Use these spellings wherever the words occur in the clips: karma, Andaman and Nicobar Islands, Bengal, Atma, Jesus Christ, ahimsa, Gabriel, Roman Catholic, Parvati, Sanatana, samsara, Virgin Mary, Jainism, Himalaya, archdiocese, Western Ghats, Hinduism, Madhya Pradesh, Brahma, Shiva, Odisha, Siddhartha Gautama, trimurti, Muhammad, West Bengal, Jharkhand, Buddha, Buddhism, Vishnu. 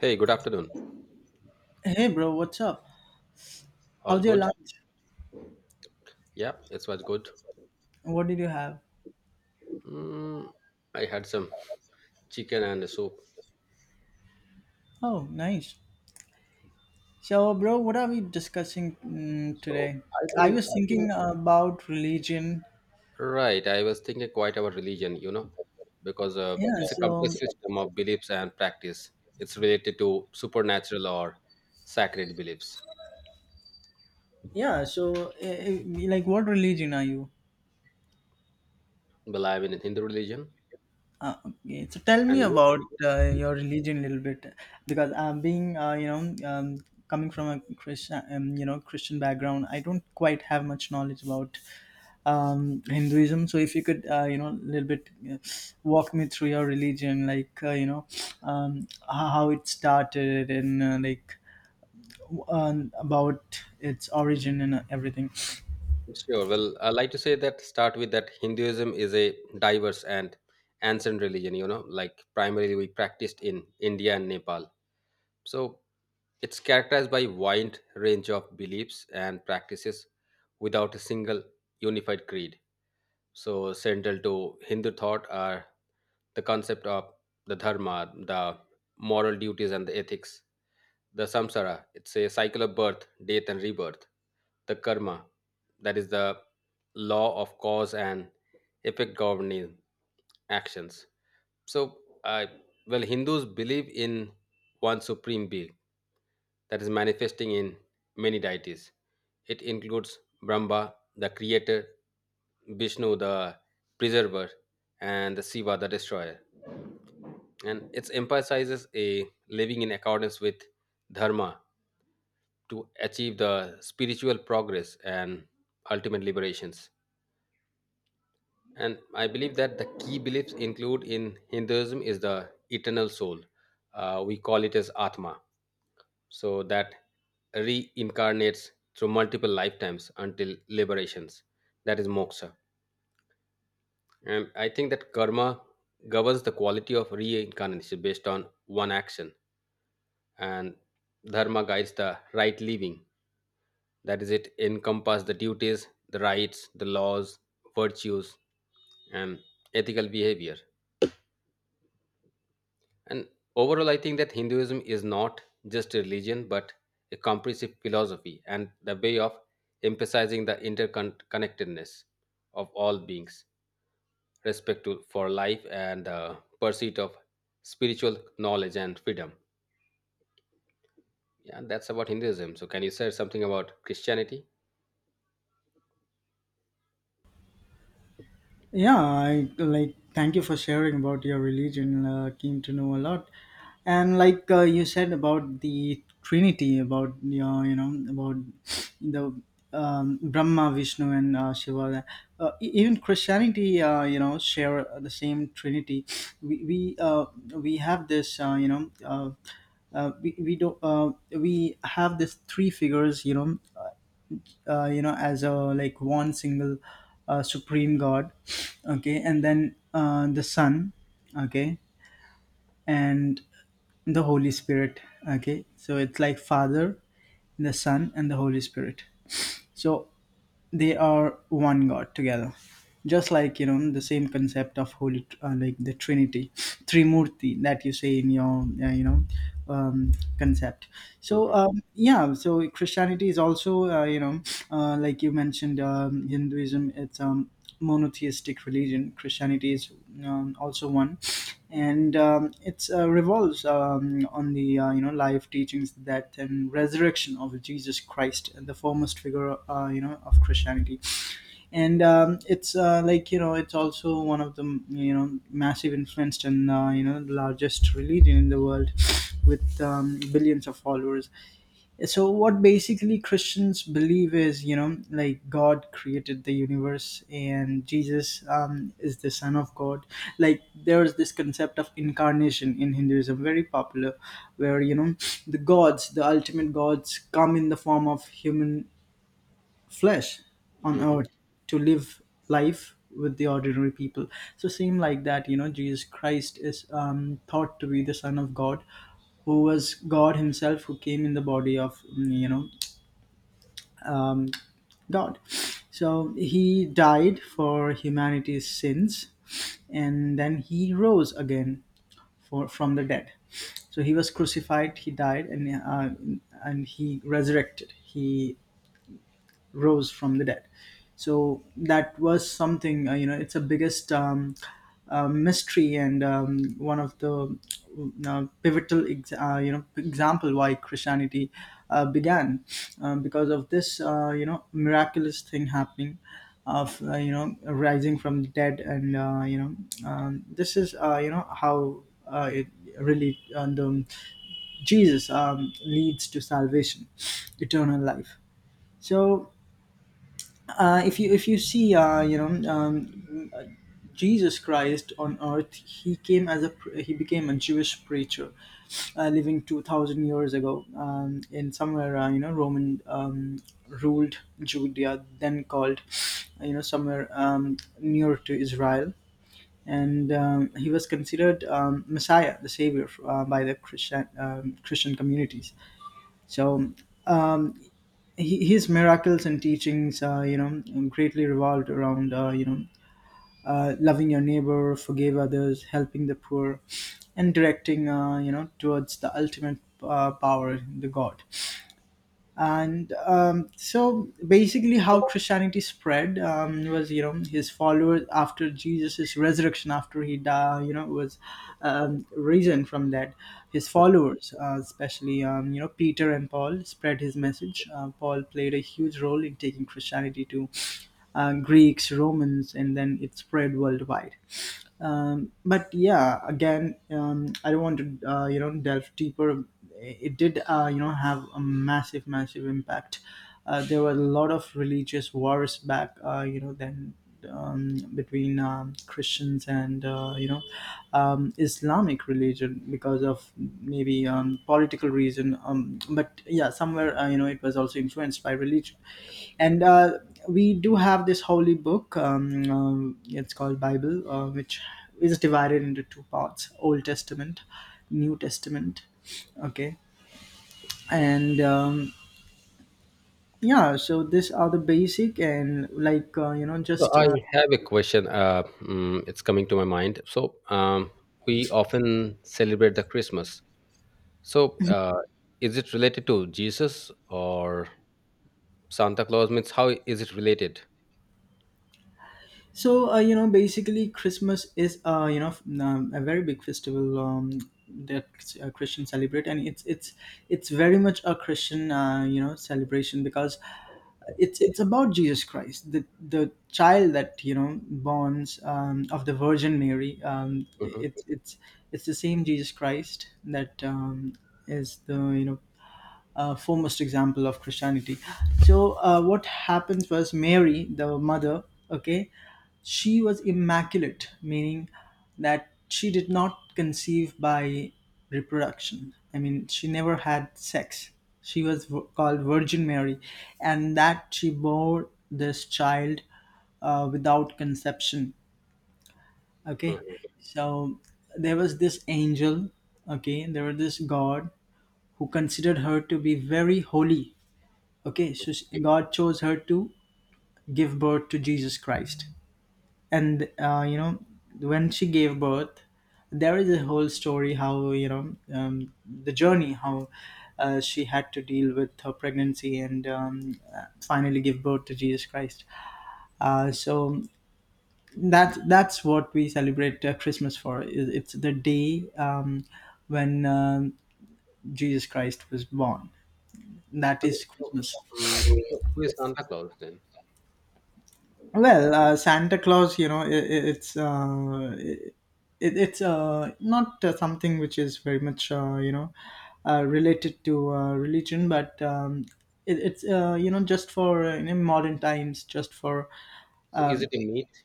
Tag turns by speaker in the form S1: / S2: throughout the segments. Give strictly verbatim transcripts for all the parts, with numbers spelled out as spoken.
S1: Hey, good afternoon.
S2: Hey bro, what's up?
S1: All
S2: How's your
S1: good?
S2: lunch?
S1: Yeah, it was good.
S2: What did you have?
S1: Mm, I had some chicken and a soup.
S2: Oh, nice. So, bro, what are we discussing mm,
S1: So
S2: today?
S1: I
S2: I
S1: think,
S2: was thinking about religion.
S1: right, I was thinking quite about religion, you know, because uh,
S2: Yeah.
S1: it's a
S2: So,
S1: complex system of beliefs and practice. It's related to supernatural or sacred beliefs.
S2: yeah. So, eh, eh, like, what religion are you?
S1: Well, I'm in Hindu religion.
S2: Uh, okay, so tell me
S1: And you?
S2: about uh, your religion a little bit, because um, being uh, you know um, coming from a Christian um, you know Christian background. I don't quite have much knowledge about um, Hinduism. So if you could uh, you know a little bit uh, walk me through your religion, like uh, you know um, how how it started and uh, like um, about its origin and everything.
S1: Sure. Well, I like to say that start with that Hinduism is a diverse and ancient religion, you know, like primarily we practiced in India and Nepal. So it's characterized by wide range of beliefs and practices without a single unified creed. So central to Hindu thought are the concept of the dharma, the moral duties and the ethics, the samsara, it's a cycle of birth, death and rebirth, the karma, that is the law of cause and effect governing actions. So, uh, well, Hindus believe in one supreme being that is manifesting in many deities. It includes Brahma, the creator, Vishnu, the preserver, and the Shiva, the destroyer. And it emphasizes a living in accordance with dharma to achieve the spiritual progress and ultimate liberations. And I believe that the key beliefs include in Hinduism is the eternal soul. Uh, we call it as Atma. So that reincarnates through multiple lifetimes until liberations. That is moksha. And I think that karma governs the quality of reincarnation based on one action. And dharma guides the right living. That is, it encompasses the duties, the rights, the laws, virtues, and ethical behavior. And overall, I think that Hinduism is not just a religion, but a comprehensive philosophy and the way of emphasizing the interconnectedness of all beings, respect to, for life, and the pursuit of spiritual knowledge and freedom. Yeah, that's about Hinduism. So, can you say something about Christianity?
S2: Yeah, I like thank you for sharing about your religion. Uh, came to know a lot, and like uh, you said about the Trinity, about your you know about the um, Brahma, Vishnu, and uh, Shiva. Uh, e- even Christianity, uh, you know, share the same Trinity. We we uh, we have this uh, you know. Uh, uh, we, we don't uh, we have these three figures, you know uh, you know as a like one single uh, supreme god. Okay, and then uh, the son. Okay. And the holy spirit. Okay, so it's like father, the son, and the holy spirit. So they are one god together, just like you know the same concept of holy, uh, like the trinity trimurti that you say in your uh, you know um, concept. So
S1: Hmm.
S2: um, yeah, so Christianity is also uh, you know uh, like you mentioned, um, Hinduism, it's um monotheistic religion. Christianity is um, also one, and um, it's uh, revolves um, on the uh, you know life teachings, death, and resurrection of Jesus Christ, the foremost figure uh, you know of Christianity. And um, it's uh, like you know it's also one of the you know massive influenced, and uh, you know the largest religion in the world, with um, billions of followers. So what basically Christians believe is, you know, like God created the universe, and Jesus um, is the Son of God. Like, there is this concept of incarnation in Hinduism, very popular, where you know the gods, the ultimate gods, come in the form of human flesh on
S1: Hmm.
S2: earth, to live life with the ordinary people. So same like that, you know Jesus Christ is um, thought to be the Son of God, who was God himself, who came in the body of mm, you know um, God. So he died for humanity's sins, and then he rose again for from the dead. So he was crucified, he died, and uh, and he resurrected, he rose from the dead. So that was something, uh, you know, it's a biggest um, uh, mystery, and um, one of the uh, pivotal, ex- uh, you know, example why Christianity uh, began, uh, because of this uh, you know, miraculous thing happening of uh, you know rising from the dead. And uh, you know um, this is uh, you know how uh, it really, and um, Jesus um, leads to salvation, eternal life. So uh, if you if you see, uh, you know um, Jesus Christ on earth, he came as a pre- he became a Jewish preacher, uh, living two thousand years ago, um, in somewhere uh, you know Roman um, ruled Judea, then called you know somewhere um, near to Israel. And um, he was considered um, Messiah, the savior, uh, by the Christian um, Christian communities. So um, he- his miracles and teachings, uh, you know, greatly revolved around, uh, you know, uh, loving your neighbor, forgive others, helping the poor, and directing uh, you know, towards the ultimate uh, power, the God. And um, so basically how Christianity spread um, was, you know his followers after Jesus' resurrection, after he died, you know was um, risen from that, his followers, uh, especially um, you know Peter and Paul, spread his message. Uh, paul played a huge role in taking Christianity to uh, Greeks, Romans, and then it spread worldwide. Um, but yeah, again, um, I don't want to uh, you know delve deeper. It did uh, you know have a massive, massive impact. Uh, there were a lot of religious wars back uh, you know then, um, between um, Christians and uh, you know um, Islamic religion region, because of maybe um, political reason. Um, but yeah, somewhere uh, you know it was also influenced by religion. And uh, we do have this holy book. um, um, it's called Bible, uh, which is divided into two parts: Old Testament, New Testament. Okay. And um, yeah, so these are the basic, and like uh, you know
S1: So,
S2: just
S1: I
S2: uh,
S1: have a question. Uh, mm, it's coming to my mind. So, um, we often celebrate the Christmas. So, uh, is it related to Jesus or Santa Claus? Means how is it related?
S2: So uh, you know, basically, Christmas is uh, you know f- um, a very big festival um, that uh, Christians celebrate, and it's it's it's very much a Christian uh, you know celebration, because it's it's about Jesus Christ, the the child that you know borns um, of the Virgin Mary. Um, it,
S1: Hmm.
S2: it's it's it's the same Jesus Christ that um, is the you know uh, foremost example of Christianity. So, uh, what happens was Mary, the mother, okay, she was immaculate, meaning that she did not conceive by reproduction. I mean, she never had sex. She was v- called Virgin Mary, and that she bore this child uh, without conception. Okay,
S1: Hmm.
S2: so there was this angel. Okay, there was this God, who considered her to be very holy. Okay, so she- God chose her to give birth to Jesus Christ. And, uh, you know, when she gave birth, there is a whole story how, you know, um, the journey, how uh, she had to deal with her pregnancy, and um, uh, finally give birth to Jesus Christ. Uh, so that that's what we celebrate uh, Christmas for. It- It's the day um, when um, Jesus Christ was born. That
S1: Okay,
S2: is
S1: so,
S2: Christmas.
S1: um, so who is Santa Claus then?
S2: Well, uh, Santa Claus, you know, i it's uh, it, it's uh, not uh, something which is very much uh, you know uh, related to uh, religion, but um, it, it's uh, you know just for uh, you know, modern times, just for
S1: So is
S2: um
S1: it a myth?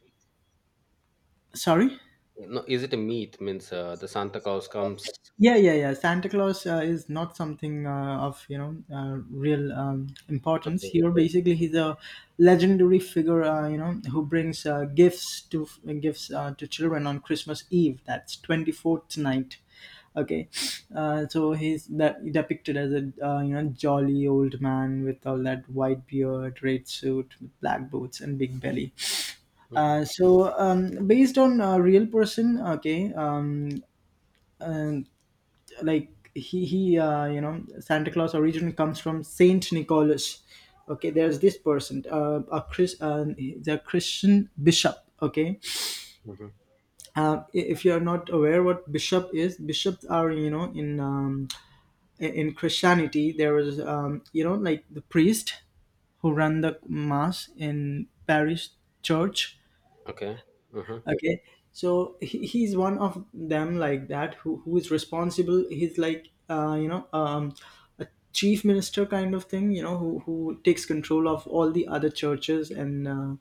S2: sorry.
S1: No, is it a myth? Means uh, the Santa Claus comes.
S2: Yeah, yeah, yeah, Santa Claus uh, is not something uh, of you know uh, real um, importance
S1: Okay.
S2: here. Basically, he's a legendary figure uh, you know who brings uh, gifts to gifts uh, to children on Christmas Eve, that's twenty-fourth night. Okay. Uh, so he's that depicted as a uh, you know jolly old man with all that white beard, red suit, black boots, and big belly.
S1: Hmm.
S2: Uh, so, um, based on a real person. Okay. um, uh, like, he he uh, you know Santa Claus originally comes from Saint Nicholas. Okay, there's this person, uh, a chris uh, the Christian bishop. Okay.
S1: Hmm.
S2: Uh, i- if you are not aware what bishop is, bishops are, you know in um, i- in Christianity, there was, um, you know like the priest who run the mass in parish church.
S1: Okay. Hmm.
S2: Okay, so he, he's one of them, like that, who, who is responsible. He's like uh, you know um, a chief minister kind of thing, you know, who, who takes control of all the other churches, and uh,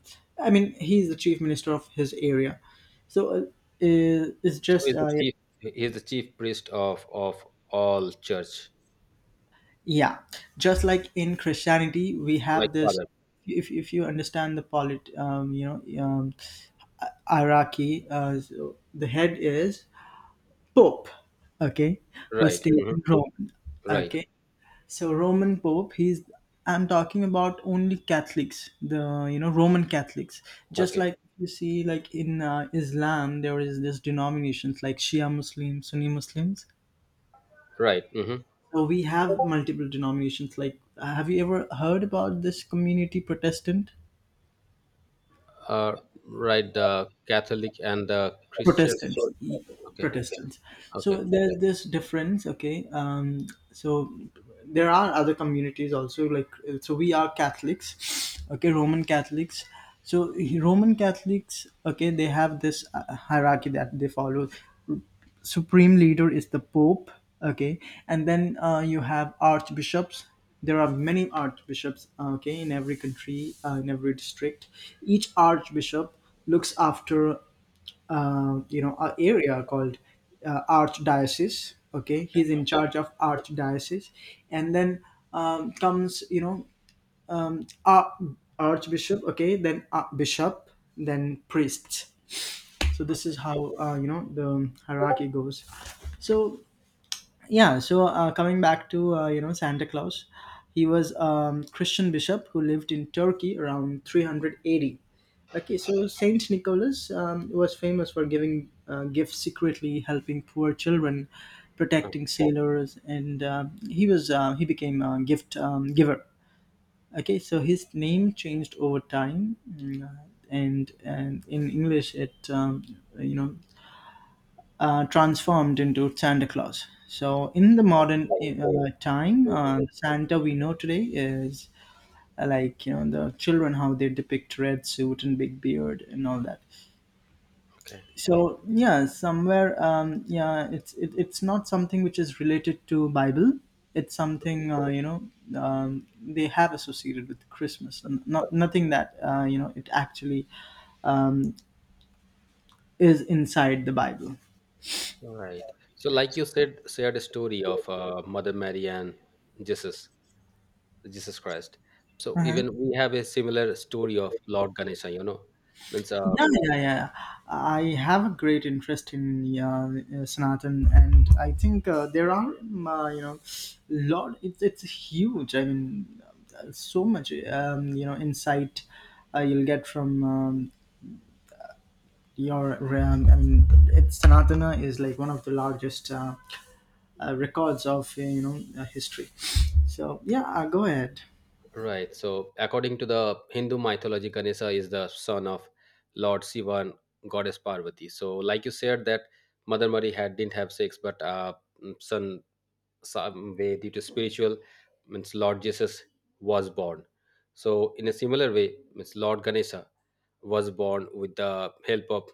S2: I mean, he's the chief minister of his area. So uh, i- it's
S1: So
S2: just
S1: he's the
S2: uh,
S1: chief. He's the chief priest of of all church,
S2: yeah, just like in Christianity we
S1: like
S2: have this
S1: Father.
S2: if, if you understand the polit um, you know um, hierarchy, uh, so the head is Pope, okay, who is
S1: Right.
S2: stayed
S1: Hmm.
S2: in Rome,
S1: Right.
S2: okay. So Roman Pope, he's I'm talking about only Catholics, the you know Roman Catholics. Just
S1: Okay.
S2: like you see, like in uh, Islam, there is this denominations like Shia Muslims, Sunni Muslims.
S1: Right. Hmm.
S2: So we have multiple denominations. Like, have you ever heard about this community Protestant?
S1: Uh, right. The Catholic and the Christian.
S2: Protestants.
S1: Okay.
S2: Protestants.
S1: Okay.
S2: So there's this difference, okay? Um, so there are other communities also, like, uh, so we are Catholics, okay? Roman Catholics. So Roman Catholics, okay, they have this uh, hierarchy that they follow. Supreme leader is the Pope, okay? And then uh, you have archbishops. There are many archbishops, okay, in every country, uh, in every district. Each archbishop looks after uh, you know a area called uh, archdiocese. Okay, he's in charge of archdiocese, and then um, comes, you know uh, archbishop, okay, then uh, bishop, then priests. So this is how uh, you know the hierarchy goes. So yeah, so uh, coming back to uh, you know Santa Claus, he was um, Christian bishop who lived in Turkey around three eighty. Okay, so Saint Nicholas um, was famous for giving uh, gifts secretly, helping poor children,
S1: Okay.
S2: protecting sailors, and uh, he was uh, he became a gift um, giver. Okay, so his name changed over time, mm, and, and in English it um, you know uh, transformed into Santa Claus. So in the modern uh, time, uh,
S1: Mhm.
S2: Santa we know today is uh, like you know the children how they depict, red suit and big beard and all that.
S1: Okay.
S2: So yeah, somewhere um, yeah, it's it, it's not something which is related to Bible. It's something uh, you know um, they have associated with Christmas. N- not nothing that uh, you know it actually um, is inside the Bible.
S1: All right. So, like you said, shared a story of uh, Mother Mary and Jesus, Jesus Christ. So, even we have a similar story of Lord Ganesha, you know. Means, uh,
S2: Yeah, yeah, yeah. I have a great interest in uh, uh, Sanatan, and I think uh, there are, um, uh, you know, lot. It's it's huge. I mean, uh, so much, um, you know, insight uh, you'll get from um, your. Um, I mean, it's Sanatana is like one of the largest uh, uh, records of uh, you know uh, history. So yeah, uh, go ahead.
S1: right. So, according to the Hindu mythology, Ganesha is the son of Lord Shiva and Goddess Parvati. So, like you said, that Mother Mary had didn't have sex, but uh, son some way due to spiritual means, Lord Jesus was born. So in a similar way, means Lord Ganesha was born with the help of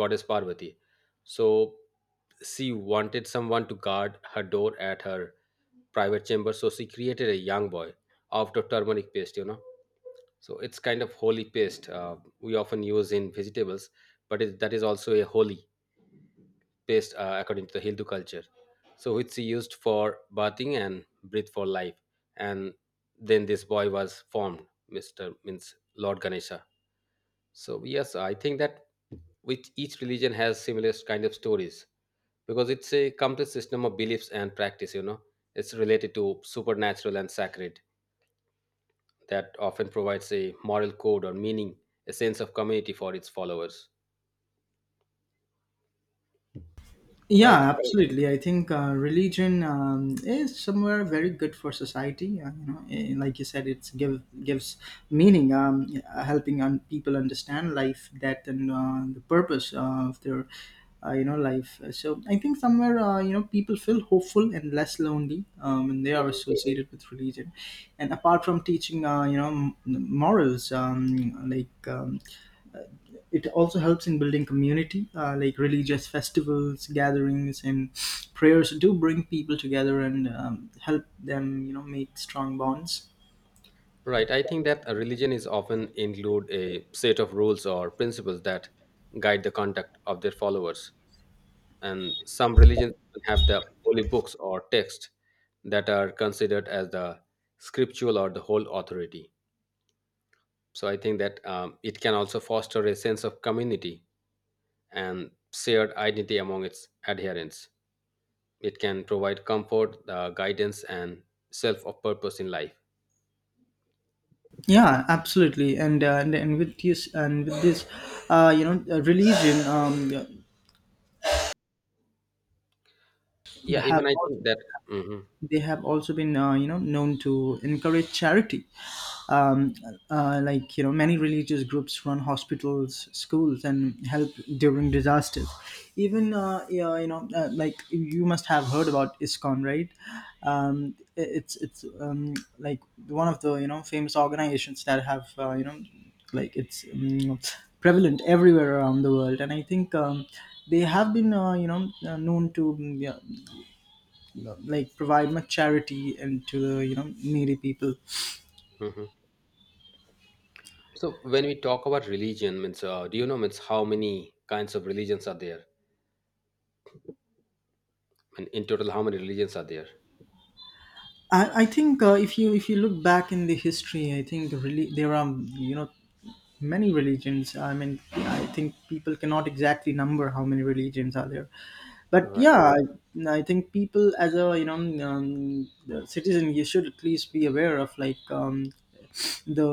S1: Goddess Parvati. So she wanted someone to guard her door at her private chamber, so she created a young boy out of turmeric paste you know So it's kind of holy paste, uh, we often use in vegetables. But it, that is also a holy paste, uh, according to the Hindu culture. So which she used for bathing and breathe for life. And then this boy was formed, Mister means Lord Ganesha. So yes, I think that which each religion has similar kind of stories, because it's a complex system of beliefs and practice, you know. It's related to supernatural and sacred that often provides a moral code or meaning, a sense of community for its followers. Right.
S2: Yeah, absolutely. I think uh, religion um, is somewhere very good for society. Uh, you know, eh, like you said, it's give gives meaning, um, uh, helping un- people understand life, death, and uh, the purpose of their, uh, you know, life. So I think somewhere, uh, you know, people feel hopeful and less lonely um, when they are
S1: Mhm.
S2: associated with religion. And apart from teaching, uh, you know, m- morals, um, like um, it also helps in building community uh, like religious festivals, gatherings, and prayers do bring people together and um, help them you know make strong bonds.
S1: Right. I think that a religion is often include a set of rules or principles that guide the conduct of their followers. And some religions have the holy books or texts that are considered as the scriptural or the whole authority. So I think that um, it can also foster a sense of community and shared identity among its adherents. It can provide comfort, uh, guidance, and self of purpose in life.
S2: Yeah, absolutely. And uh, and, and with this and with this uh, you know uh, religion, um,
S1: Yeah,
S2: have
S1: even I think that. Hmm.
S2: they have also been uh, you know known to encourage charity, um, uh, like, you know, many religious groups run hospitals, schools, and help during disasters. Even uh, yeah, you know uh, like, you must have heard about ISKCON, right? um, it's it's um, like, one of the, you know, famous organizations that have, uh, you know like, it's um, prevalent everywhere around the world. And I think um, they have been uh, you know uh, known to mm, yeah, like, provide much charity and to the, you know, needy people.
S1: So when we talk about religion, means uh, do you know means how many kinds of religions are there? And in total, how many religions are there?
S2: I, I think uh, if you if you look back in the history, I think really there are, you know, many religions. I mean, I think people cannot exactly number how many religions are there, but
S1: Right.
S2: yeah, i, I think people, as a, you know, um, citizen, you should at least be aware of like, um, the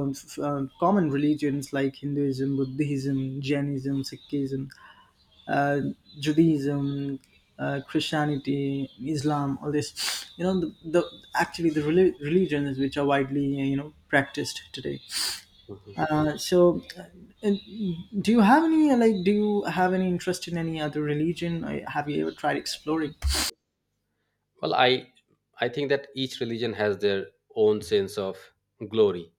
S2: uh, common religions like Hinduism, Buddhism, Jainism, Sikhism, uh, Judaism, uh, Christianity, Islam, all this. You know, the, the actually the reli- religions which are widely, you know, practiced today.
S1: Mhm.
S2: Uh, so, uh, and Do you have any, like? Do you have any interest in any other religion? Or have you ever tried exploring?
S1: Well, I I think that each religion has their own sense of glory.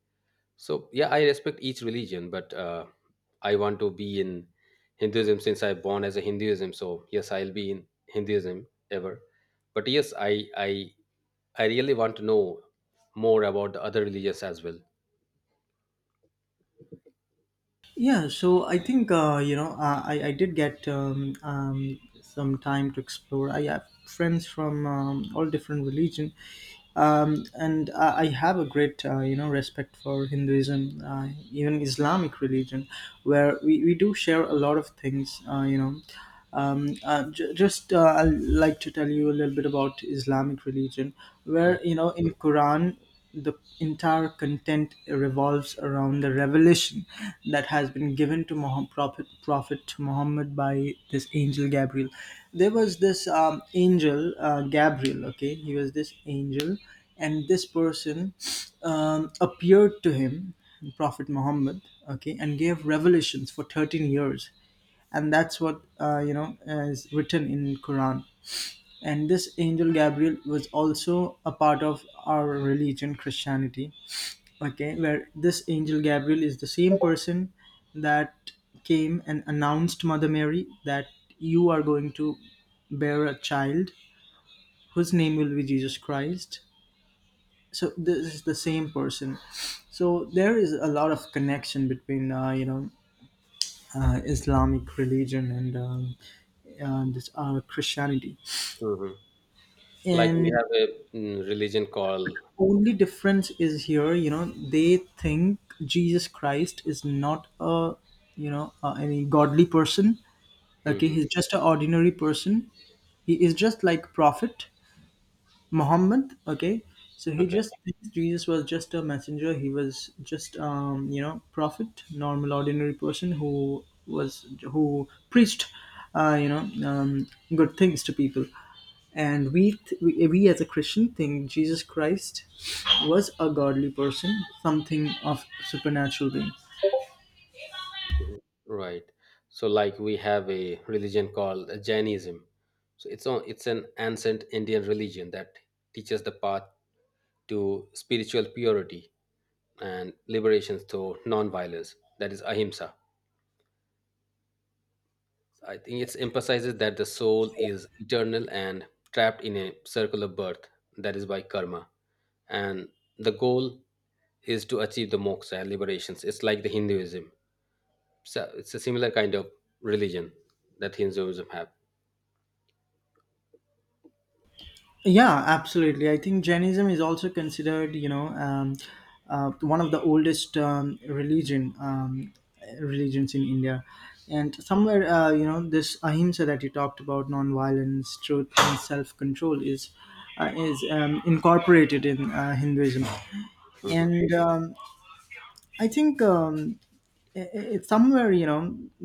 S1: So yeah, I respect each religion, but uh, I want to be in Hinduism since I born as a Hinduism. So yes, I'll be in Hinduism ever. But yes, I I I really want to know more about the other religions as well.
S2: Yeah, so I think uh, you know uh, I I did get um, um, some time to explore. I have friends from um, all different religion, um, and I, I have a great uh, you know respect for Hinduism, uh, even Islamic religion, where we, we do share a lot of things. Uh, you know, um, uh, j- just uh, I like to tell you a little bit about Islamic religion, where, you know, in Quran, the entire content revolves around the revelation that has been given to Muhammad, prophet prophet Muhammad, by this angel Gabriel. There was this um, angel uh, Gabriel. Okay, he was this angel, and this person um, appeared to him, Prophet Muhammad. Okay, and gave revelations for thirteen years, and that's what uh, you know uh, is written in Quran. And this angel Gabriel was also a part of our religion, Christianity. Okay, where this angel Gabriel is the same person that came and announced Mother Mary that you are going to bear a child whose name will be Jesus Christ. So this is the same person. So there is a lot of connection between uh, you know uh, Islamic religion and um, and this, uh, Christianity.
S1: Mhm. Like we
S2: And
S1: have a mm, religion called.
S2: only difference is here, you know, they think Jesus Christ is not a, you know, uh, any godly person. Okay,
S1: Hmm.
S2: he's just an ordinary person. He is just like Prophet Muhammad, okay, so he
S1: Okay.
S2: just thinks Jesus was just a messenger. He was just, um, you know, prophet, normal, ordinary person who was who preached, uh, you know, um, good things to people. And we, th- we, we as a Christian think Jesus Christ was a godly person, something of supernatural being.
S1: Mhm. Right. So, like we have a religion called Jainism. So it's on it's an ancient Indian religion that teaches the path to spiritual purity and liberation through non-violence, that is ahimsa. I think it emphasizes that the soul is eternal and trapped in a circle of birth, that is by karma, and the goal is to achieve the moksha and liberations. It's like the Hinduism. So it's a similar kind of religion that Hinduism have.
S2: Yeah, absolutely. I think Jainism is also considered, you know, um, uh, one of the oldest um, religion um, religions in India, and somewhere, uh, you know, this ahimsa that you talked about, non-violence, truth, and self-control is uh, is um, incorporated in uh, Hinduism,
S1: Mhm.
S2: and um, I think. Um, i- i- It's somewhere, you know,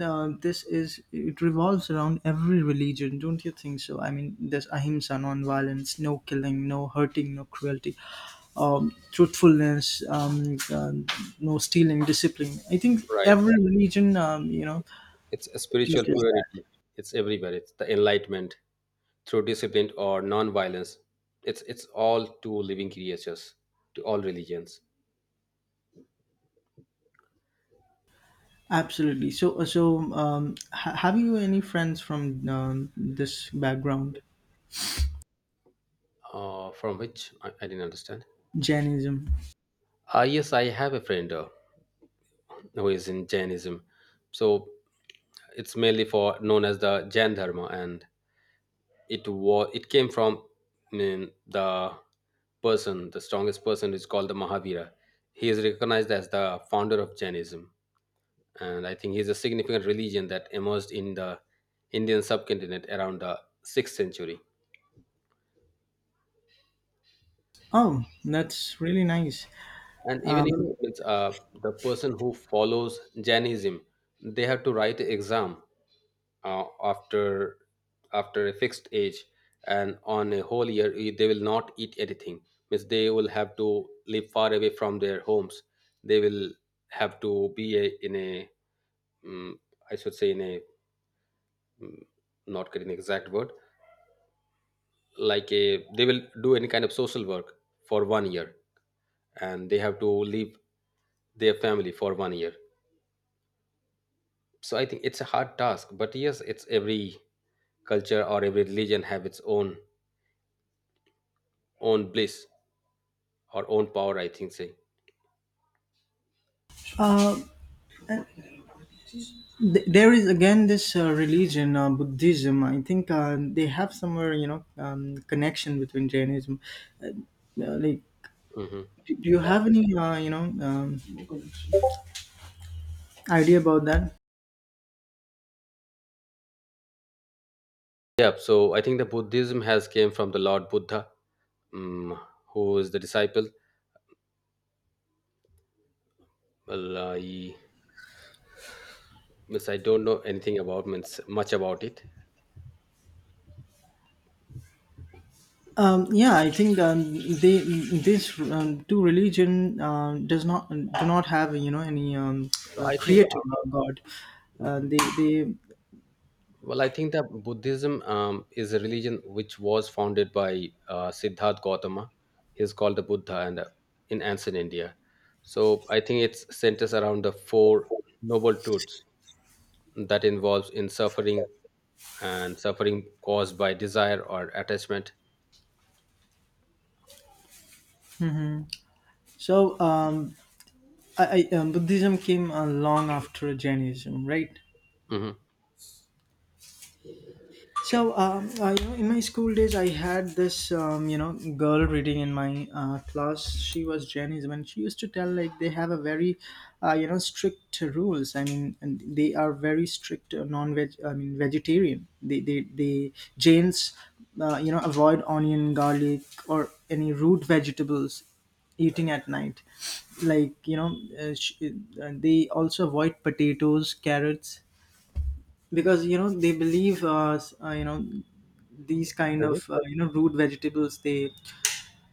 S2: uh, this is it revolves around every religion, don't you think so? I mean, there's ahimsa, non-violence, no killing, no hurting, no cruelty, um, truthfulness, um, uh, no stealing, discipline. I think
S1: Right.
S2: every religion, um, you know
S1: It's a spiritual
S2: teaches that.
S1: purity. It's everywhere. It's the enlightenment through discipline or non-violence. It's it's all to living creatures, to all religions.
S2: Absolutely. So so um, ha- have you any friends from um, this background?
S1: Uh, from which I, I didn't understand.
S2: Jainism?
S1: Ah, yes, I have a friend uh, who is in Jainism. So it's mainly for known as the Jain Dharma, and it was it came from mm, the person the strongest person is called the Mahavira. He is recognized as the founder of Jainism, and I think he is a significant religion that emerged in the Indian subcontinent around the sixth century.
S2: Oh, that's really nice.
S1: And even you know, it's, uh, the person who follows Jainism, they have to write an exam, uh, after after a fixed age, and on a whole year, eh, they will not eat anything. Means they will have to live far away from their homes. They will have to be a, in a, um, I should say in a, mm, not getting the exact word, like a they will do any kind of social work for one year, and they have to leave their family for one year. So I think it's a hard task, but yes, it's every culture or every religion have its own own bliss or own power, I think say.
S2: uh, Th- there is again this uh, religion uh, Buddhism. I think uh, they have somewhere, you know, um, connection between Jainism, uh, uh, like,
S1: Hmm.
S2: do do you
S1: Yeah.
S2: have any, uh, you know um, idea about that?
S1: Yeah, so I think the Buddhism has came from the Lord Buddha, mm, who is the disciple. Well, I means I don't know anything about, means much about it.
S2: um, yeah, I think um, they this um, two religion uh, does not do not have, you know, any, um,
S1: So
S2: uh,
S1: I think uh,
S2: creator or god. uh,
S1: mhm.
S2: they they
S1: Well, I think that Buddhism um, is a religion which was founded by uh, Siddharth Gautama. He's called the Buddha, and uh, in ancient India. So I think it centers around the four noble truths, that involves in suffering and suffering caused by desire or attachment.
S2: so um, I, I, um, Buddhism came uh, long after Jainism, right?
S1: Hmm.
S2: So, um, I, you know, in my school days, I had this, um, you know, girl reading in my uh, class. She was Jainism, and she used to tell like they have a very, uh, you know, strict rules. I mean, and they are very strict uh, non-veg. I mean, vegetarian. They they they Jains, uh, you know, avoid onion, garlic, or any root vegetables, eating at night, like, you know uh, sh- uh, they also avoid potatoes, carrots, because, you know, they believe uh, s- uh, you know, these kind of, uh, you know root vegetables, they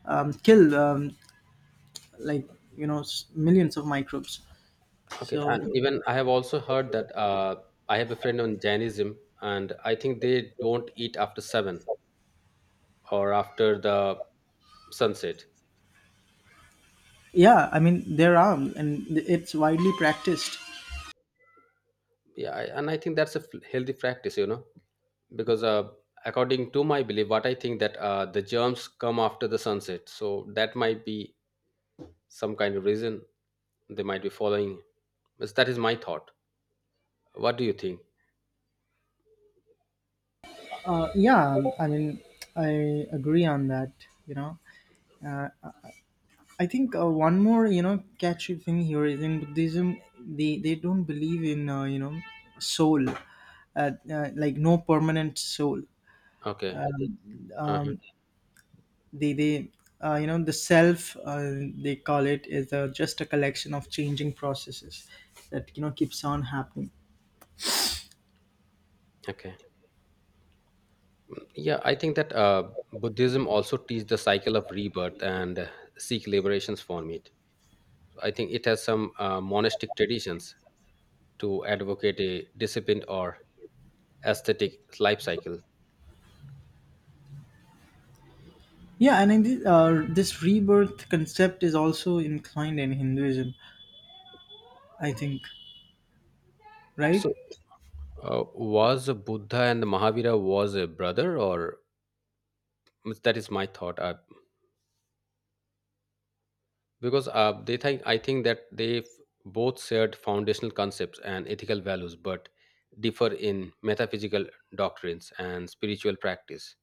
S2: um, kill, um, like, you know s- millions of microbes.
S1: Okay,
S2: So
S1: and even I have also heard that uh, I have a friend on Jainism, and I think they don't eat after seven or after the sunset.
S2: yeah, I mean, there are, and it's widely practiced.
S1: Yeah, I- and I think that's a f- healthy practice, you know, because uh, according to my belief, what I think that uh, the germs come after the sunset, so that might be some kind of reason they might be following. But that is my thought. What do you think?
S2: uh, yeah, I mean, I agree on that you know uh, I think, uh, one more, you know, catchy thing here is, in Buddhism, they they don't believe in, uh, you know soul, uh, uh, like, no permanent soul.
S1: Okay. Uh-huh.
S2: Um, the the uh, you know the self, uh, they call it, is uh, just a collection of changing processes that, you know, keeps on happening.
S1: Okay. Yeah, I think that uh, Buddhism also teaches the cycle of rebirth and uh, seek liberations from it. I think it has some uh, monastic traditions to advocate a disciplined or aesthetic life cycle.
S2: Yeah, and in this, uh, this rebirth concept is also inclined in Hinduism, I think, right?
S1: So, uh, was Buddha and Mahavira was a brother, or mm, that is my thought? Uh, because uh, they think I think that they both shared foundational concepts and ethical values, but differ in metaphysical doctrines and spiritual practice.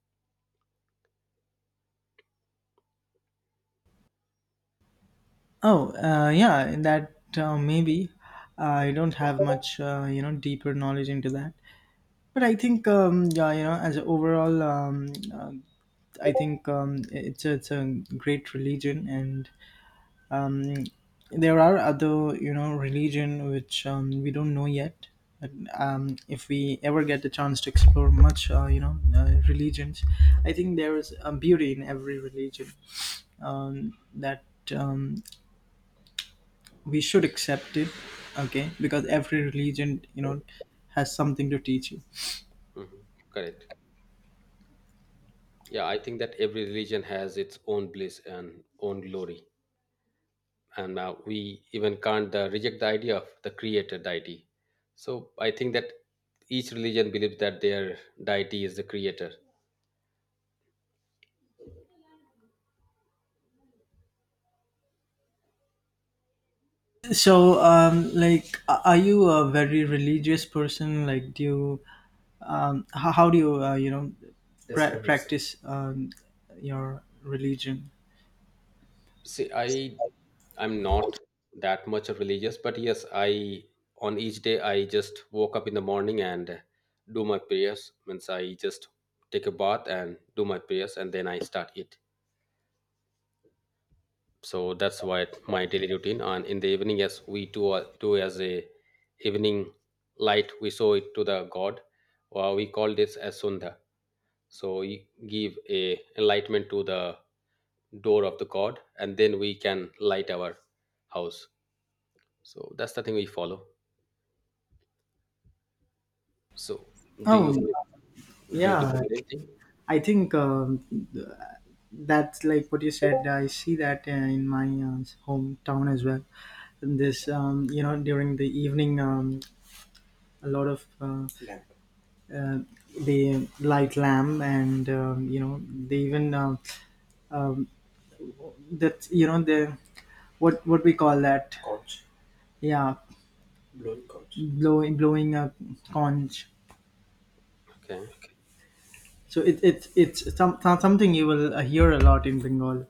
S2: Oh, uh, yeah, in that, uh, maybe, uh, I don't have much, uh, you know deeper knowledge into that, but I think um, yeah, you know, as a overall, um, uh, I think um, it's a, it's a great religion. And um, there are other, you know, religion which, um, we don't know yet, but, um, if we ever get the chance to explore much, uh, you know uh, religions, I think there is a beauty in every religion, um, that um, we should accept it. Okay, because every religion, you know, has something to teach you.
S1: Mhm. Correct. Yeah, I think that every religion has its own bliss and own glory, and uh, we even can't uh, reject the idea of the creator deity. So I think that each religion believes that their deity is the creator.
S2: So um, like, a- are you a very religious person? Like, do you um, how, how do you, uh, you know pra- practice um, your religion?
S1: See, I I'm not that much of religious, but yes, I on each day I just woke up in the morning and uh, do my prayers. Means I just take a bath and do my prayers, and then I start it. So that's why my daily routine, and in the evening, yes, we do uh, do as a evening light, we show it to the god, or we call this as sundha. So we give a enlightenment to the door of the god, and then we can light our house. So that's the thing we follow. So do you
S2: Oh,
S1: do, you do the
S2: yeah.
S1: same thing?
S2: I think um, that's like what you said. I see that uh, in my uh, hometown as well. This, um, you know, during the evening, um, a lot of uh, uh, they light lamp, and, um, you know, they even um um, that, you know, the what what we call that. Yeah, blowing blowing a conch.
S1: Okay.
S2: So it, it it's some, some, something you will uh, hear a lot in Bengal.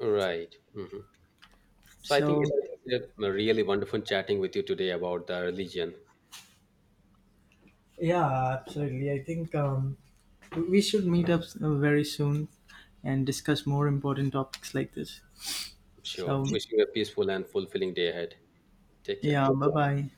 S1: Right. Hmm. So I think
S2: So
S1: it's, it's a really wonderful chatting with you today about the religion.
S2: yeah, absolutely. I think um, we should meet up uh, very soon and discuss more important topics like this.
S1: Sure.
S2: So
S1: Wishing you a peaceful and fulfilling day ahead. Take care.
S2: yeah, bye bye.